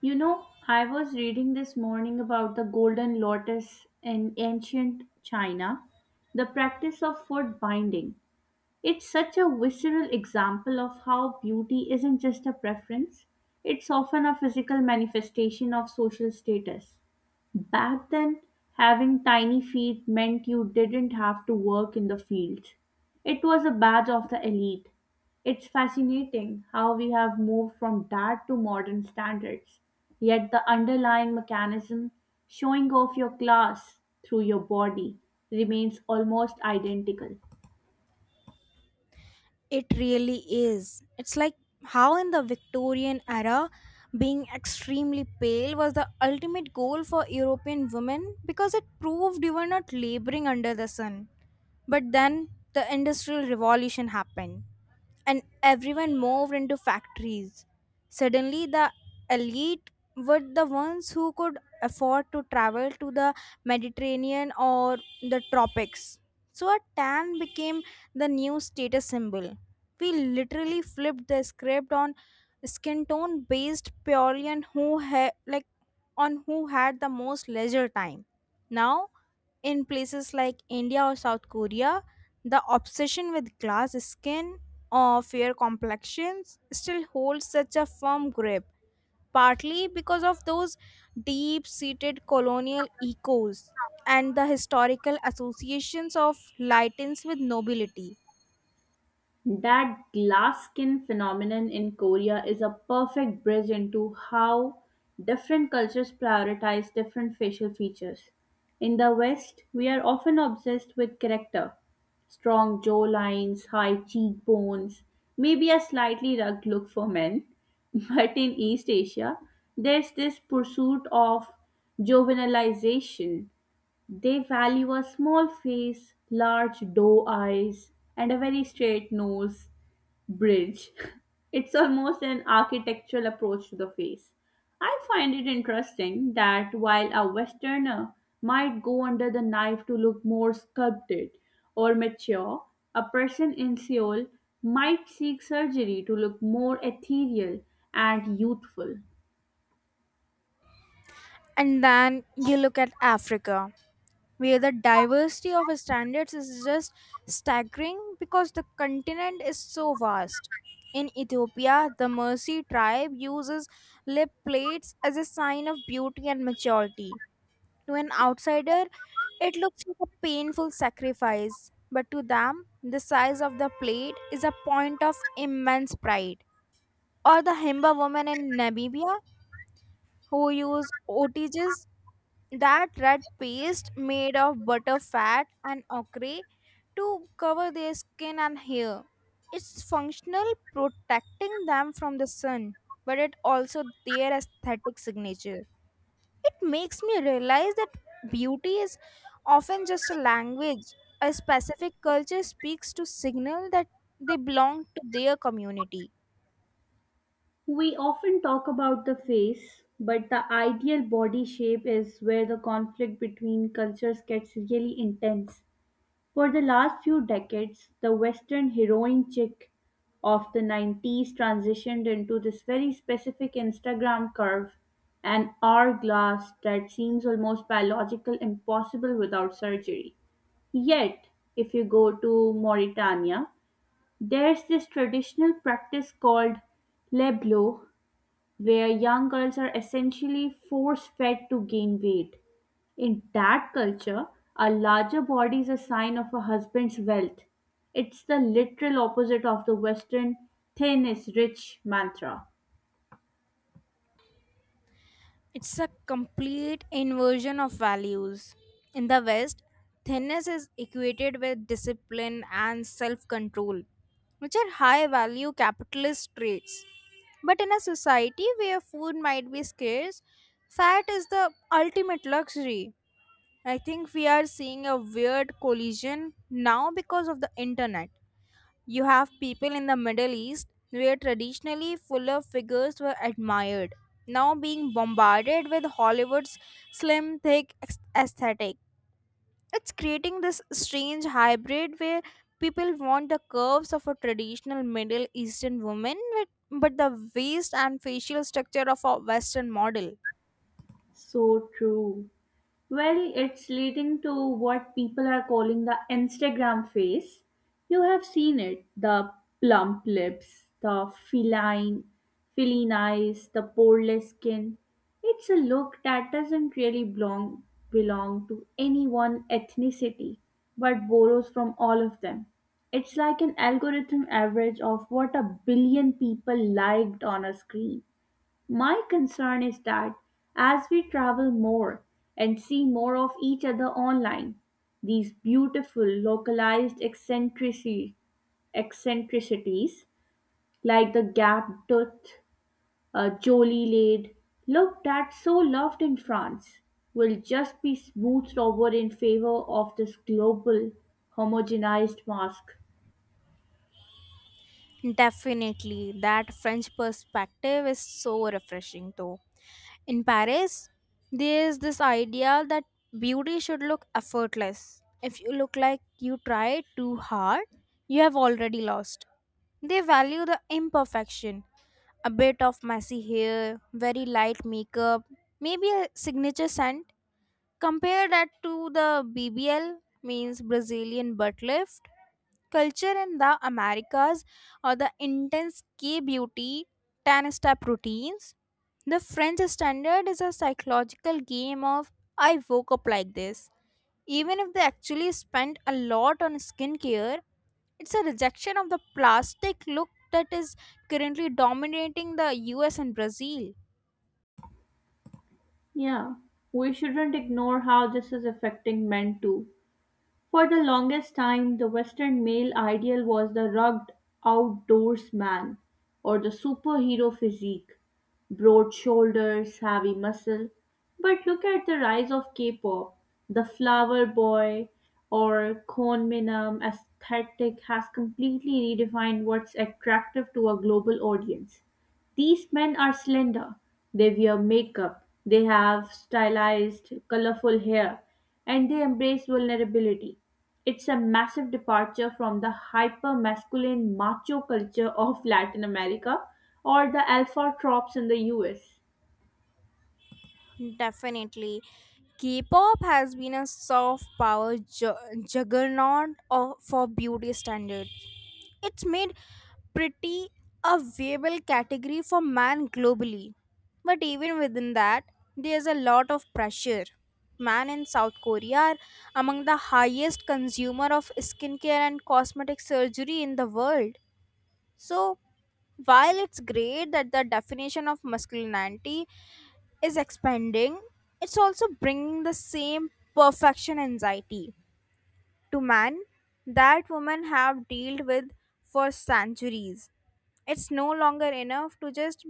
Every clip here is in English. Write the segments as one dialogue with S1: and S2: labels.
S1: You know, I was reading this morning about the golden lotus in ancient China, the practice of foot binding. It's such a visceral example of how beauty isn't just a preference, it's often a physical manifestation of social status. Back then, having tiny feet meant you didn't have to work in the fields. It was a badge of the elite. It's fascinating how we have moved from that to modern standards. Yet the underlying mechanism, showing off your class through your body, remains almost identical.
S2: It really is. It's like how in the Victorian era, being extremely pale was the ultimate goal for European women because it proved you were not laboring under the sun. But then the Industrial Revolution happened and everyone moved into factories. Suddenly, the elite were the ones who could afford to travel to the Mediterranean or the tropics. So a tan became the new status symbol. We literally flipped the script on skin tone based purely on who had the most leisure time. Now, in places like India or South Korea, the obsession with glass skin or fair complexions still holds such a firm grip, partly because of those deep seated colonial echoes and the historical associations of lightens with nobility.
S1: That glass skin phenomenon in Korea is a perfect bridge into how different cultures prioritize different facial features. In the West, we are often obsessed with character, strong jawlines, high cheekbones, maybe a slightly rugged look for men. But in East Asia, there's this pursuit of juvenilization. They value a small face, large doe eyes, and a very straight nose bridge. It's almost an architectural approach to the face. I find it interesting that while a Westerner might go under the knife to look more sculpted or mature, a person in Seoul might seek surgery to look more ethereal and youthful.
S2: And then you look at Africa, where the diversity of standards is just staggering because the continent is so vast. In Ethiopia, the Mercy tribe uses lip plates as a sign of beauty and maturity. To an outsider, it looks like a painful sacrifice, but to them, the size of the plate is a point of immense pride. Or the Himba woman in Namibia who use otages, that red paste made of butter fat and ochre, to cover their skin and hair. It's functional, protecting them from the sun, but it also their aesthetic signature. It makes me realize that beauty is often just a language a specific culture speaks to signal that they belong to their community.
S1: We often talk about the face, but the ideal body shape is where the conflict between cultures gets really intense. For the last few decades, the Western heroin chick of the 90s transitioned into this very specific Instagram curve, an hourglass that seems almost biological impossible without surgery. Yet, if you go to Mauritania, there's this traditional practice called leblo, where young girls are essentially force fed to gain weight. In that culture, a larger body is a sign of a husband's wealth. It's the literal opposite of the Western thin is rich mantra.
S2: It's a complete inversion of values. In the West, thinness is equated with discipline and self control, which are high value capitalist traits. But in a society where food might be scarce, fat is the ultimate luxury. I think we are seeing a weird collision now because of the internet. You have people in the Middle East where traditionally fuller figures were admired, now being bombarded with Hollywood's slim, thick aesthetic. It's creating this strange hybrid where people want the curves of a traditional Middle Eastern woman, with, but the waist and facial structure of a Western model.
S1: So true. Well, it's leading to what people are calling the Instagram face. You have seen it, the plump lips, the feline eyes, the poreless skin. It's a look that doesn't really belong to any one ethnicity, but borrows from all of them. It's like an algorithm average of what a billion people liked on a screen. My concern is that as we travel more and see more of each other online, these beautiful localized eccentricities like the gap tooth, Jolie lid, looked at so loved in France, will just be smoothed over in favor of this global homogenized mask.
S2: Definitely, that French perspective is so refreshing though. In Paris, there's this idea that beauty should look effortless. If you look like you tried too hard, you have already lost. They value the imperfection. A bit of messy hair, very light makeup, maybe a signature scent. Compare that to the BBL, means Brazilian butt lift, culture in the Americas or the intense K beauty 10 step routines. The French standard is a psychological game of I woke up like this. Even if they actually spend a lot on skincare, it's a rejection of the plastic look that is currently dominating the US and Brazil.
S1: Yeah, we shouldn't ignore how this is affecting men too. For the longest time, the Western male ideal was the rugged outdoorsman or the superhero physique, broad shoulders, heavy muscle. But look at the rise of K-pop. The flower boy or konminam aesthetic has completely redefined what's attractive to a global audience. These men are slender, they wear makeup, they have stylized, colorful hair, and they embrace vulnerability. It's a massive departure from the hyper masculine macho culture of Latin America or the alpha tropes in the US.
S2: Definitely. K-pop has been a soft power juggernaut for beauty standards. It's made pretty a viable category for man globally. But even within that, there's a lot of pressure. Man in South Korea are among the highest consumer of skincare and cosmetic surgery in the world. So while it's great that the definition of masculinity is expanding, it's also bringing the same perfection anxiety to man that women have dealt with for centuries. It's no longer enough to just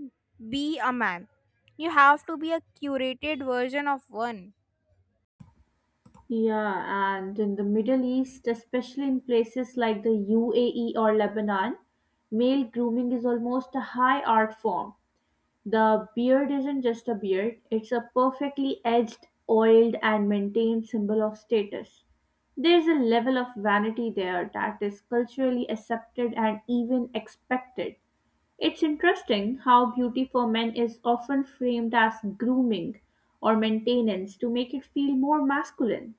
S2: be a man, you have to be a curated version of one.
S1: Yeah, and in the Middle East, especially in places like the UAE or Lebanon, male grooming is almost a high art form. The beard isn't just a beard, it's a perfectly edged, oiled, and maintained symbol of status. There's a level of vanity there that is culturally accepted and even expected. It's interesting how beauty for men is often framed as grooming or maintenance to make it feel more masculine.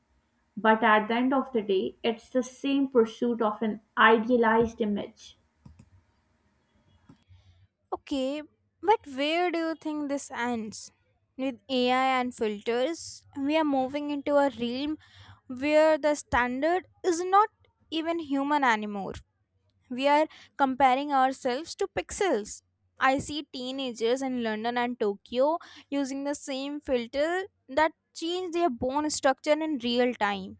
S1: But at the end of the day, it's the same pursuit of an idealized image.
S2: Okay, but where do you think this ends? With AI and filters, we are moving into a realm where the standard is not even human anymore. We are comparing ourselves to pixels. I see teenagers in London and Tokyo using the same filter that change their bone structure in real time.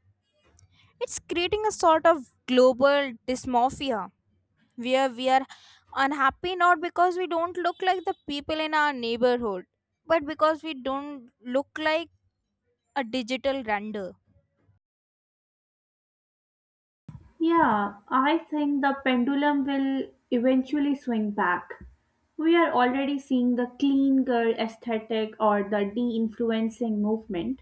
S2: It's creating a sort of global dysmorphia where we are unhappy not because we don't look like the people in our neighborhood but because we don't look like a digital render.
S1: Yeah, I think the pendulum will eventually swing back. We are already seeing the clean girl aesthetic or the de influencing movement,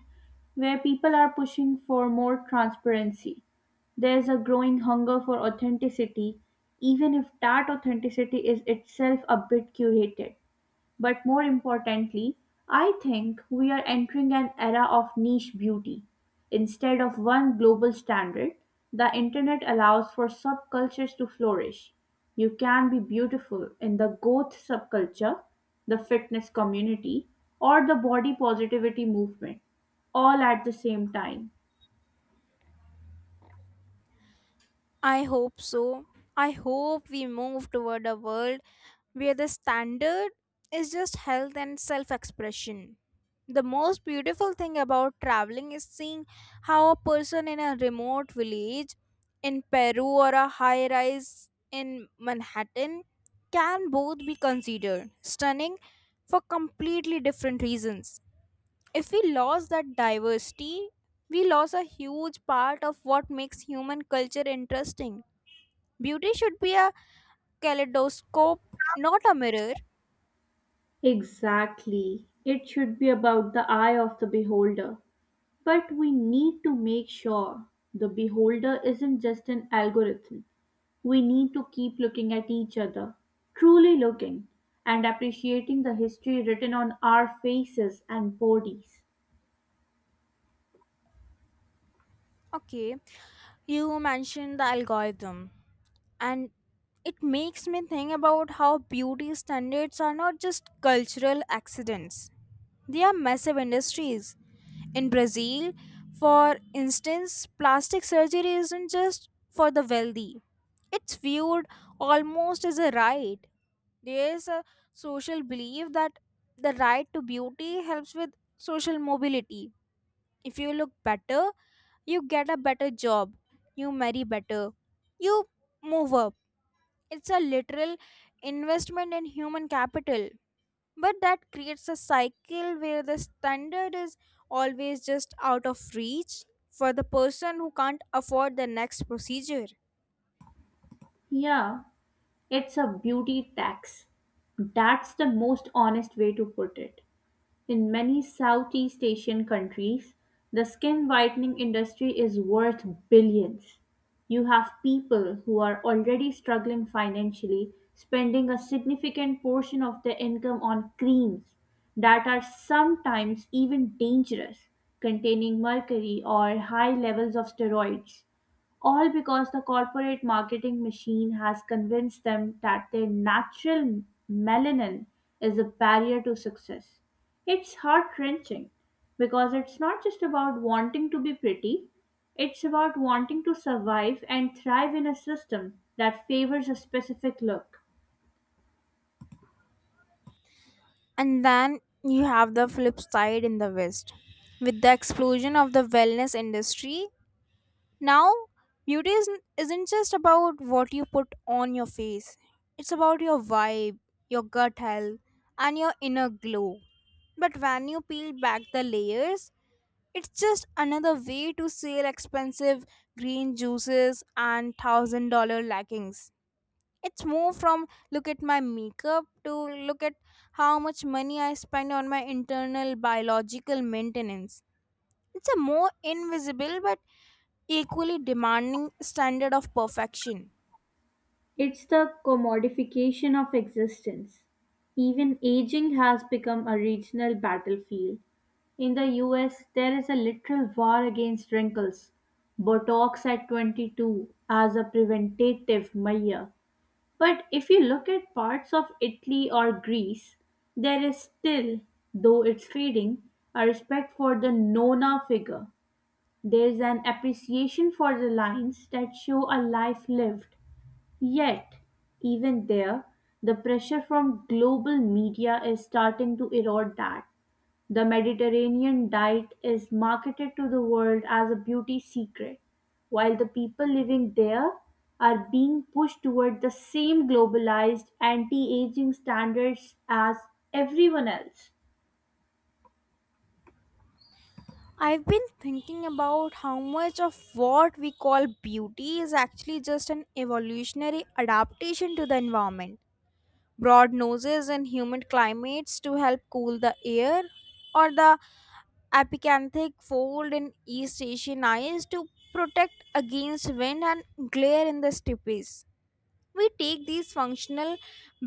S1: where people are pushing for more transparency. There's a growing hunger for authenticity, even if that authenticity is itself a bit curated. But more importantly, I think we are entering an era of niche beauty. Instead of one global standard, the internet allows for subcultures to flourish. You can be beautiful in the goth subculture, the fitness community, or the body positivity movement, all at the same time.
S2: I hope so. I hope we move toward a world where the standard is just health and self expression. The most beautiful thing about traveling is seeing how a person in a remote village in Peru or a high rise in Manhattan can both be considered stunning for completely different reasons. If we lost that diversity, we lost a huge part of what makes human culture interesting. Beauty should be a kaleidoscope, not a mirror.
S1: Exactly. It should be about the eye of the beholder. But we need to make sure the beholder isn't just an algorithm. We need to keep looking at each other, truly looking, and appreciating the history written on our faces and bodies.
S2: Okay, you mentioned the algorithm and it makes me think about how beauty standards are not just cultural accidents, they are massive industries. In Brazil, for instance, plastic surgery isn't just for the wealthy, it's viewed almost as a right. There's a social belief that the right to beauty helps with social mobility. If you look better, you get a better job, you marry better, you move up. It's a literal investment in human capital. But that creates a cycle where the standard is always just out of reach for the person who can't afford the next procedure.
S1: Yeah, it's a beauty tax. That's the most honest way to put it. In many Southeast Asian countries, the skin whitening industry is worth billions. You have people who are already struggling financially spending a significant portion of their income on creams that are sometimes even dangerous, containing mercury or high levels of steroids, all because the corporate marketing machine has convinced them that their natural melanin is a barrier to success. It's heart wrenching because it's not just about wanting to be pretty, it's about wanting to survive and thrive in a system that favors a specific look.
S2: And then you have the flip side in the West. With the explosion of the wellness industry, now beauty isn't just about what you put on your face, it's about your vibe, your gut health, and your inner glow. But when you peel back the layers, it's just another way to sell expensive green juices and $1,000 leggings. It's more from look at my makeup to look at how much money I spend on my internal biological maintenance. It's a more invisible but equally demanding standard of perfection.
S1: It's the commodification of existence. Even aging has become a regional battlefield. In the US, there is a literal war against wrinkles. Botox at 22 as a preventative measure. But if you look at parts of Italy or Greece, there is still, though it's fading, a respect for the Nona figure. There's an appreciation for the lines that show a life lived. Yet, even there, the pressure from global media is starting to erode that. The Mediterranean diet is marketed to the world as a beauty secret, while the people living there are being pushed toward the same globalized anti-aging standards as everyone else.
S2: I've been thinking about how much of what we call beauty is actually just an evolutionary adaptation to the environment, broad noses in humid climates to help cool the air, or the epicanthic fold in East Asian eyes to protect against wind and glare in the steppes. We take these functional,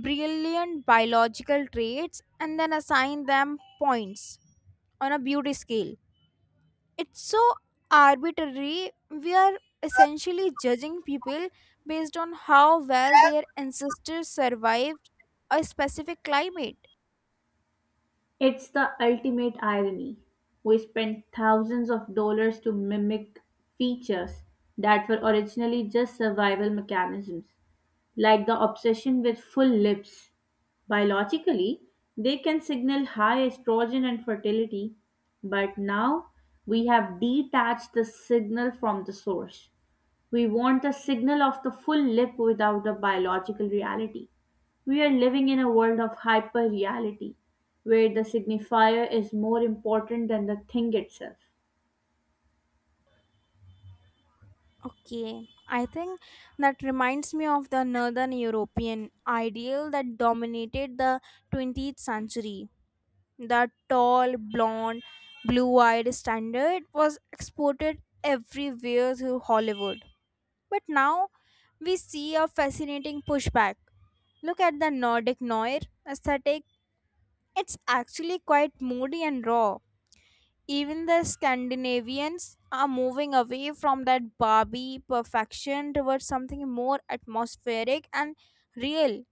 S2: brilliant biological traits and then assign them points on a beauty scale. It's so arbitrary, we are essentially judging people based on how well their ancestors survived a specific climate.
S1: It's the ultimate irony. We spend thousands of dollars to mimic features that were originally just survival mechanisms, like the obsession with full lips. Biologically, they can signal high estrogen and fertility, but now we have detached the signal from the source. We want the signal of the full lip without the biological reality. We are living in a world of hyper reality, where the signifier is more important than the thing itself.
S2: Okay, I think that reminds me of the Northern European ideal that dominated the 20th century. The tall, blonde, blue eyed standard was exported everywhere through Hollywood. But now we see a fascinating pushback. Look at the Nordic noir aesthetic, it's actually quite moody and raw. Even the Scandinavians are moving away from that Barbie perfection towards something more atmospheric and real.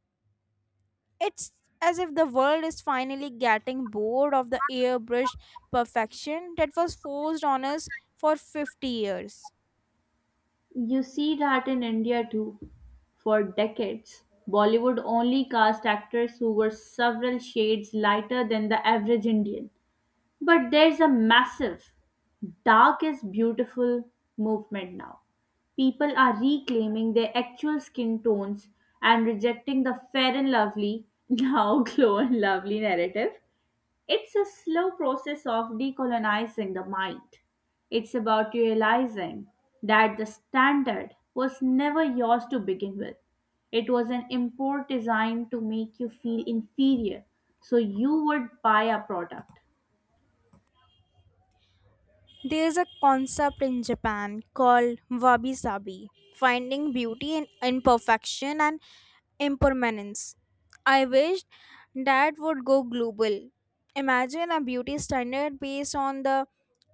S2: It's as if the world is finally getting bored of the airbrushed perfection that was forced on us for 50 years.
S1: You see that in India too. For decades, Bollywood only cast actors who were several shades lighter than the average Indian. But there's a massive dark is beautiful movement now. People are reclaiming their actual skin tones and rejecting the fair and lovely, now glow and lovely narrative. It's a slow process of decolonizing the mind. It's about realizing that the standard was never yours to begin with. It was an import designed to make you feel inferior so you would buy a product.
S2: There's a concept in Japan called wabi sabi, finding beauty in imperfection and impermanence. I wish that would go global. Imagine a beauty standard based on the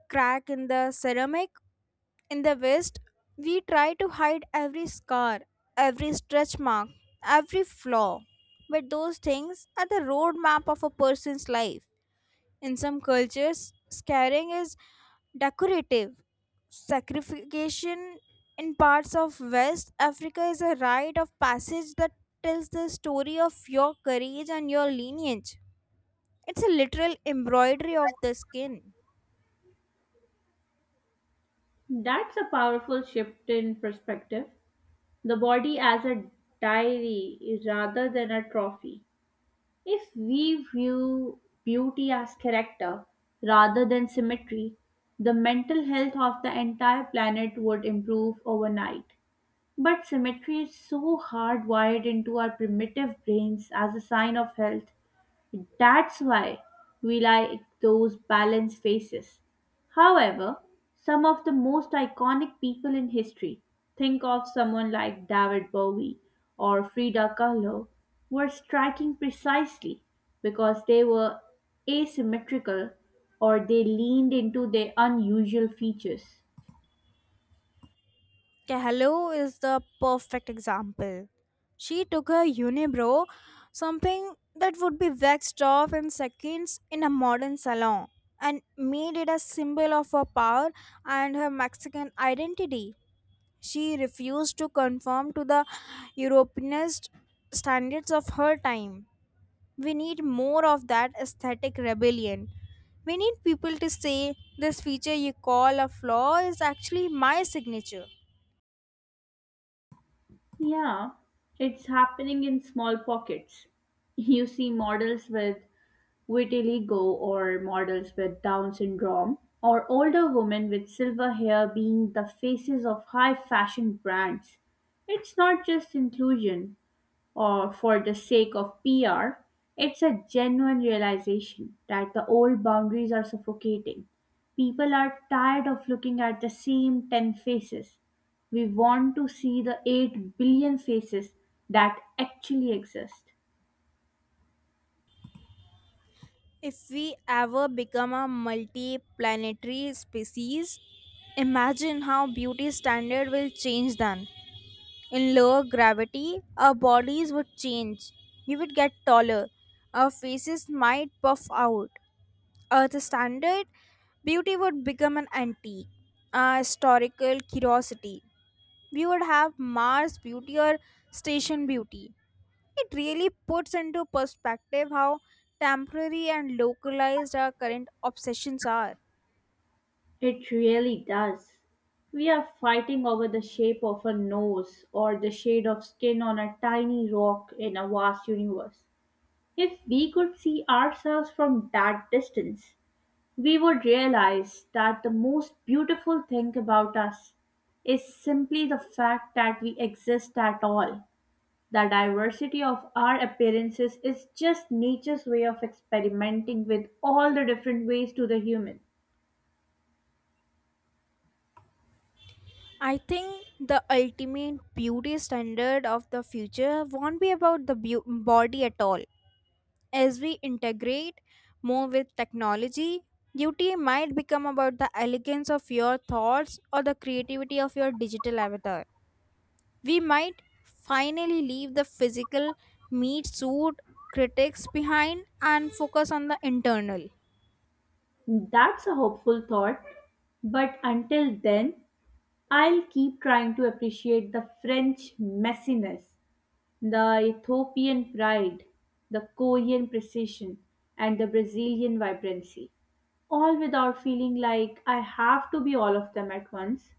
S2: crack in the ceramic. In the West, we try to hide every scar, every stretch mark, every flaw. But those things are the roadmap of a person's life. In some cultures, scarring is decorative. Sacrification in parts of West Africa is a rite of passage that tells the story of your courage and your lineage. It's a literal embroidery of the skin.
S1: That's a powerful shift in perspective. The body as a diary rather than a trophy. If we view beauty as character rather than symmetry, the mental health of the entire planet would improve overnight. But symmetry is so hardwired into our primitive brains as a sign of health, that's why we like those balanced faces. However, some of the most iconic people in history, think of someone like David Bowie or Frida Kahlo, were striking precisely because they were asymmetrical or they leaned into their unusual features.
S2: Hello is the perfect example. She took her unibrow, something that would be waxed off in seconds in a modern salon, and made it a symbol of her power and her Mexican identity. She refused to conform to the Europeanist standards of her time. We need more of that aesthetic rebellion. We need people to say this feature you call a flaw is actually my signature.
S1: Yeah, it's happening in small pockets. You see models with vitiligo or models with Down syndrome, or older women with silver hair being the faces of high fashion brands. It's not just inclusion or for the sake of PR, it's a genuine realization that the old boundaries are suffocating. People are tired of looking at the same 10 faces. We want to see the 8 billion faces that actually exist.
S2: If we ever become a multi-planetary species, imagine how beauty standard will change then. In lower gravity, our bodies would change. We would get taller. Our faces might puff out. Earth standard, beauty would become an antique, a historical curiosity. We would have Mars beauty or station beauty. It really puts into perspective how temporary and localized our current obsessions are.
S1: It really does. We are fighting over the shape of a nose or the shade of skin on a tiny rock in a vast universe. If we could see ourselves from that distance, we would realize that the most beautiful thing about us is simply the fact that we exist at all. The diversity of our appearances is just nature's way of experimenting with all the different ways to the human.
S2: I think the ultimate beauty standard of the future won't be about the body at all. As we integrate more with technology, beauty might become about the elegance of your thoughts or the creativity of your digital avatar. We might finally leave the physical meat suit critics behind and focus on the internal.
S1: That's a hopeful thought, but until then, I'll keep trying to appreciate the French messiness, the Ethiopian pride, the Korean precision, and the Brazilian vibrancy, all without feeling like I have to be all of them at once.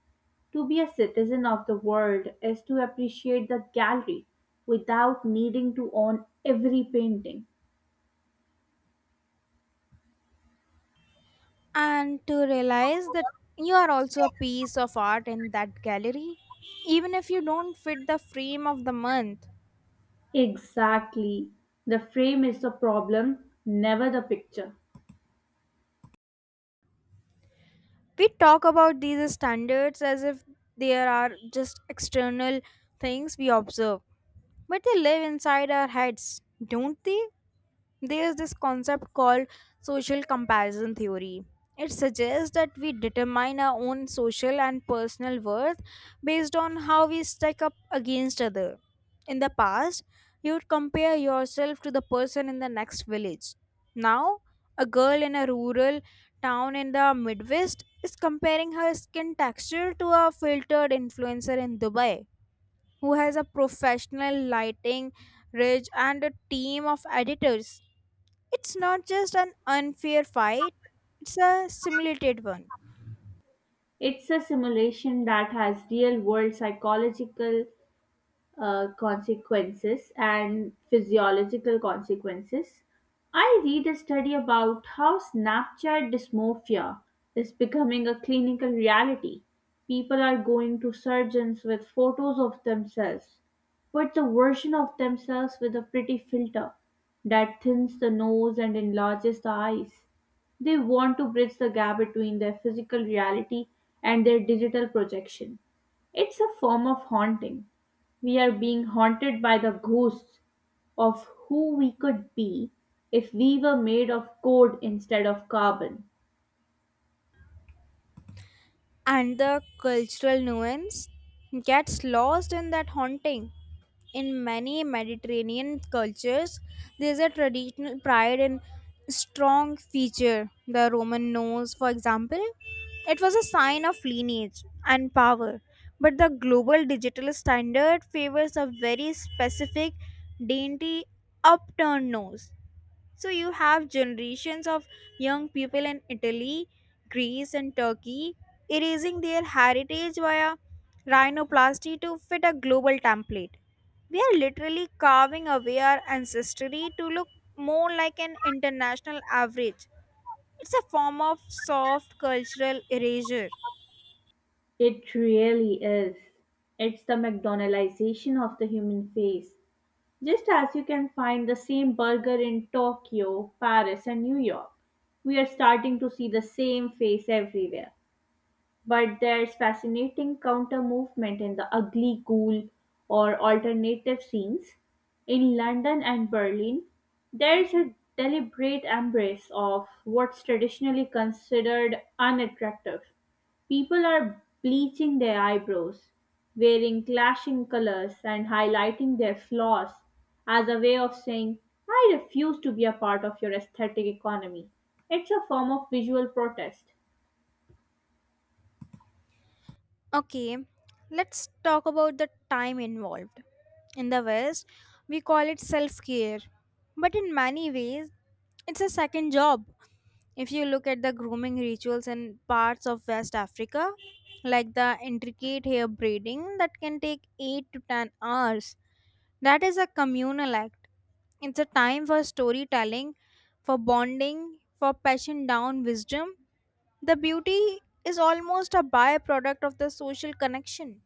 S1: To be a citizen of the world is to appreciate the gallery without needing to own every painting.
S2: And to realize that you are also a piece of art in that gallery, even if you don't fit the frame of the month.
S1: Exactly. The frame is the problem, never the picture.
S2: We talk about these standards as if there are just external things we observe, but they live inside our heads, don't they? There's this concept called social comparison theory. It suggests that we determine our own social and personal worth based on how we stack up against other. In the past, you would compare yourself to the person in the next village. Now, a girl in a rural town in the Midwest is comparing her skin texture to a filtered influencer in Dubai who has a professional lighting ridge and a team of editors. It's not just an unfair fight, it's a simulated one.
S1: It's a simulation that has real world psychological consequences and physiological consequences. I read a study about how Snapchat dysmorphia is becoming a clinical reality. People are going to surgeons with photos of themselves, but the version of themselves with a pretty filter that thins the nose and enlarges the eyes. They want to bridge the gap between their physical reality and their digital projection. It's a form of haunting, we are being haunted by the ghosts of who we could be if we were made of code instead of carbon.
S2: And the cultural nuance gets lost in that haunting. In many Mediterranean cultures, there's a traditional pride in strong feature. The Roman nose, for example, it was a sign of lineage and power. But the global digital standard favors a very specific, dainty, upturned nose. So you have generations of young people in Italy, Greece, and Turkey erasing their heritage via rhinoplasty to fit a global template. We are literally carving away our ancestry to look more like an international average. It's a form of soft cultural erasure.
S1: It really is. It's the McDonaldization of the human face. Just as you can find the same burger in Tokyo, Paris, and New York, we are starting to see the same face everywhere. But there's fascinating counter movement in the ugly ghoul or alternative scenes. In London and Berlin, there's a deliberate embrace of what's traditionally considered unattractive. People are bleaching their eyebrows, wearing clashing colors, and highlighting their flaws as a way of saying, I refuse to be a part of your aesthetic economy. It's a form of visual protest.
S2: Okay, let's talk about the time involved. In the West, we call it self care, but in many ways, it's a second job. If you look at the grooming rituals in parts of West Africa, like the intricate hair braiding that can take 8 to 10 hours, that is a communal act. It's a time for storytelling, for bonding, for passion down wisdom. The beauty is almost a byproduct of the social connection.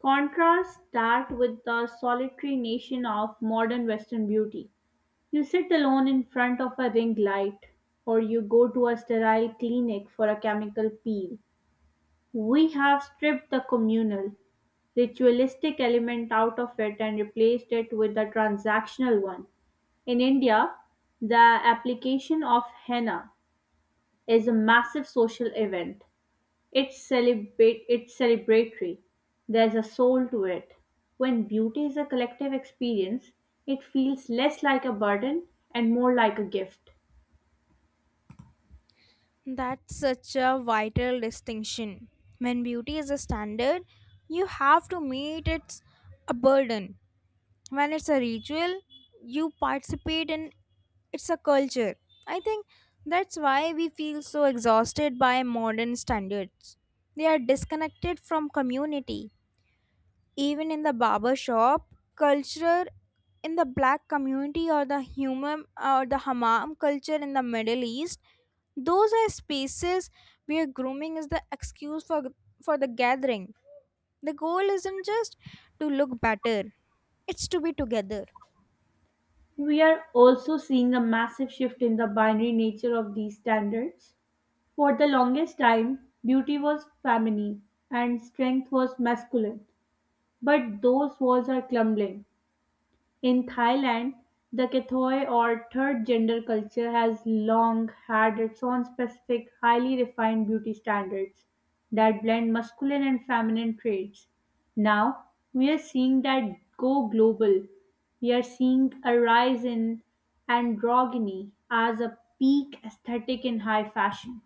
S1: Contrast that with the solitary nation of modern Western beauty. You sit alone in front of a ring light, or you go to a sterile clinic for a chemical peel. We have stripped the communal, ritualistic element out of it and replaced it with a transactional one. In India, the application of henna is a massive social event, it's celebrate it's celebratory. There's a soul to it. When beauty is a collective experience, it feels less like a burden and more like a gift.
S2: That's such a vital distinction. When beauty is a standard, you have to meet its a burden. When it's a ritual you participate in, it's a culture. I think that's why we feel so exhausted by modern standards. They are disconnected from community. Even in the barber shop culture in the black community, or the human or the hammam culture in the Middle East, those are spaces where grooming is the excuse for the gathering. The goal isn't just to look better, it's to be together.
S1: We are also seeing a massive shift in the binary nature of these standards. For the longest time, beauty was feminine and strength was masculine, but those walls are crumbling. In Thailand, the Kathoi or third gender culture has long had its own specific, highly refined beauty standards that blend masculine and feminine traits. Now, we are seeing that go global. We are seeing a rise in androgyny as a peak aesthetic in high fashion.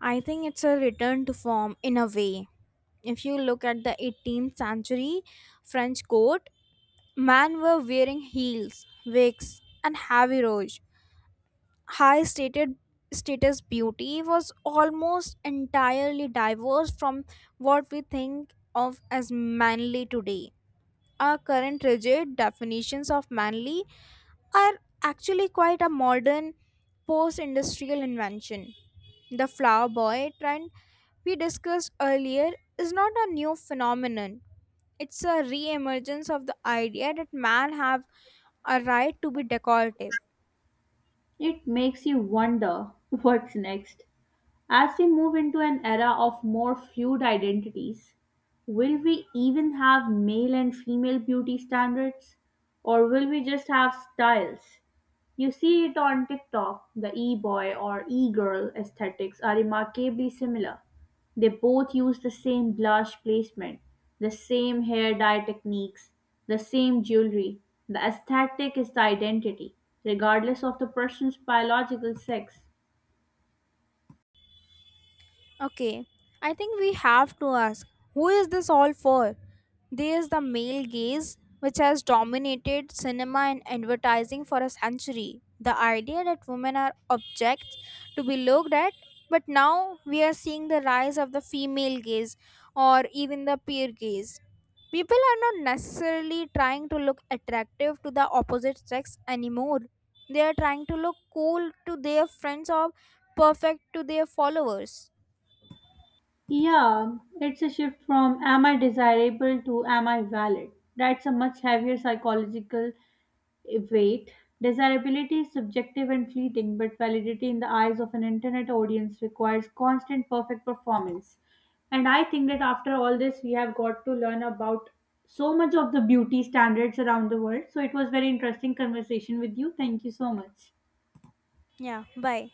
S2: I think it's a return to form in a way. If you look at the 18th century French court, men were wearing heels, wigs, and heavy rouge. High stated status beauty was almost entirely divorced from what we think of as manly today. Our current rigid definitions of manly are actually quite a modern post industrial invention. The flower boy trend we discussed earlier is not a new phenomenon. It's a re-emergence of the idea that man have a right to be decorative.
S1: It makes you wonder what's next. As we move into an era of more fluid identities, will we even have male and female beauty standards? Or will we just have styles? You see it on TikTok, the e boy or e girl aesthetics are remarkably similar. They both use the same blush placement, the same hair dye techniques, the same jewelry. The aesthetic is the identity, regardless of the person's biological sex.
S2: Okay, I think we have to ask, who is this all for? There is the male gaze, which has dominated cinema and advertising for a century. The idea that women are objects to be looked at, but now we are seeing the rise of the female gaze or even the peer gaze. People are not necessarily trying to look attractive to the opposite sex anymore. They are trying to look cool to their friends or perfect to their followers.
S1: Yeah, it's a shift from am I desirable to am I valid. That's a much heavier psychological weight. Desirability is subjective and fleeting, but validity in the eyes of an internet audience requires constant perfect performance. And I think that after all this, we have got to learn about so much of the beauty standards around the world. So it was very interesting conversation with you. Thank you so much.
S2: Yeah, bye.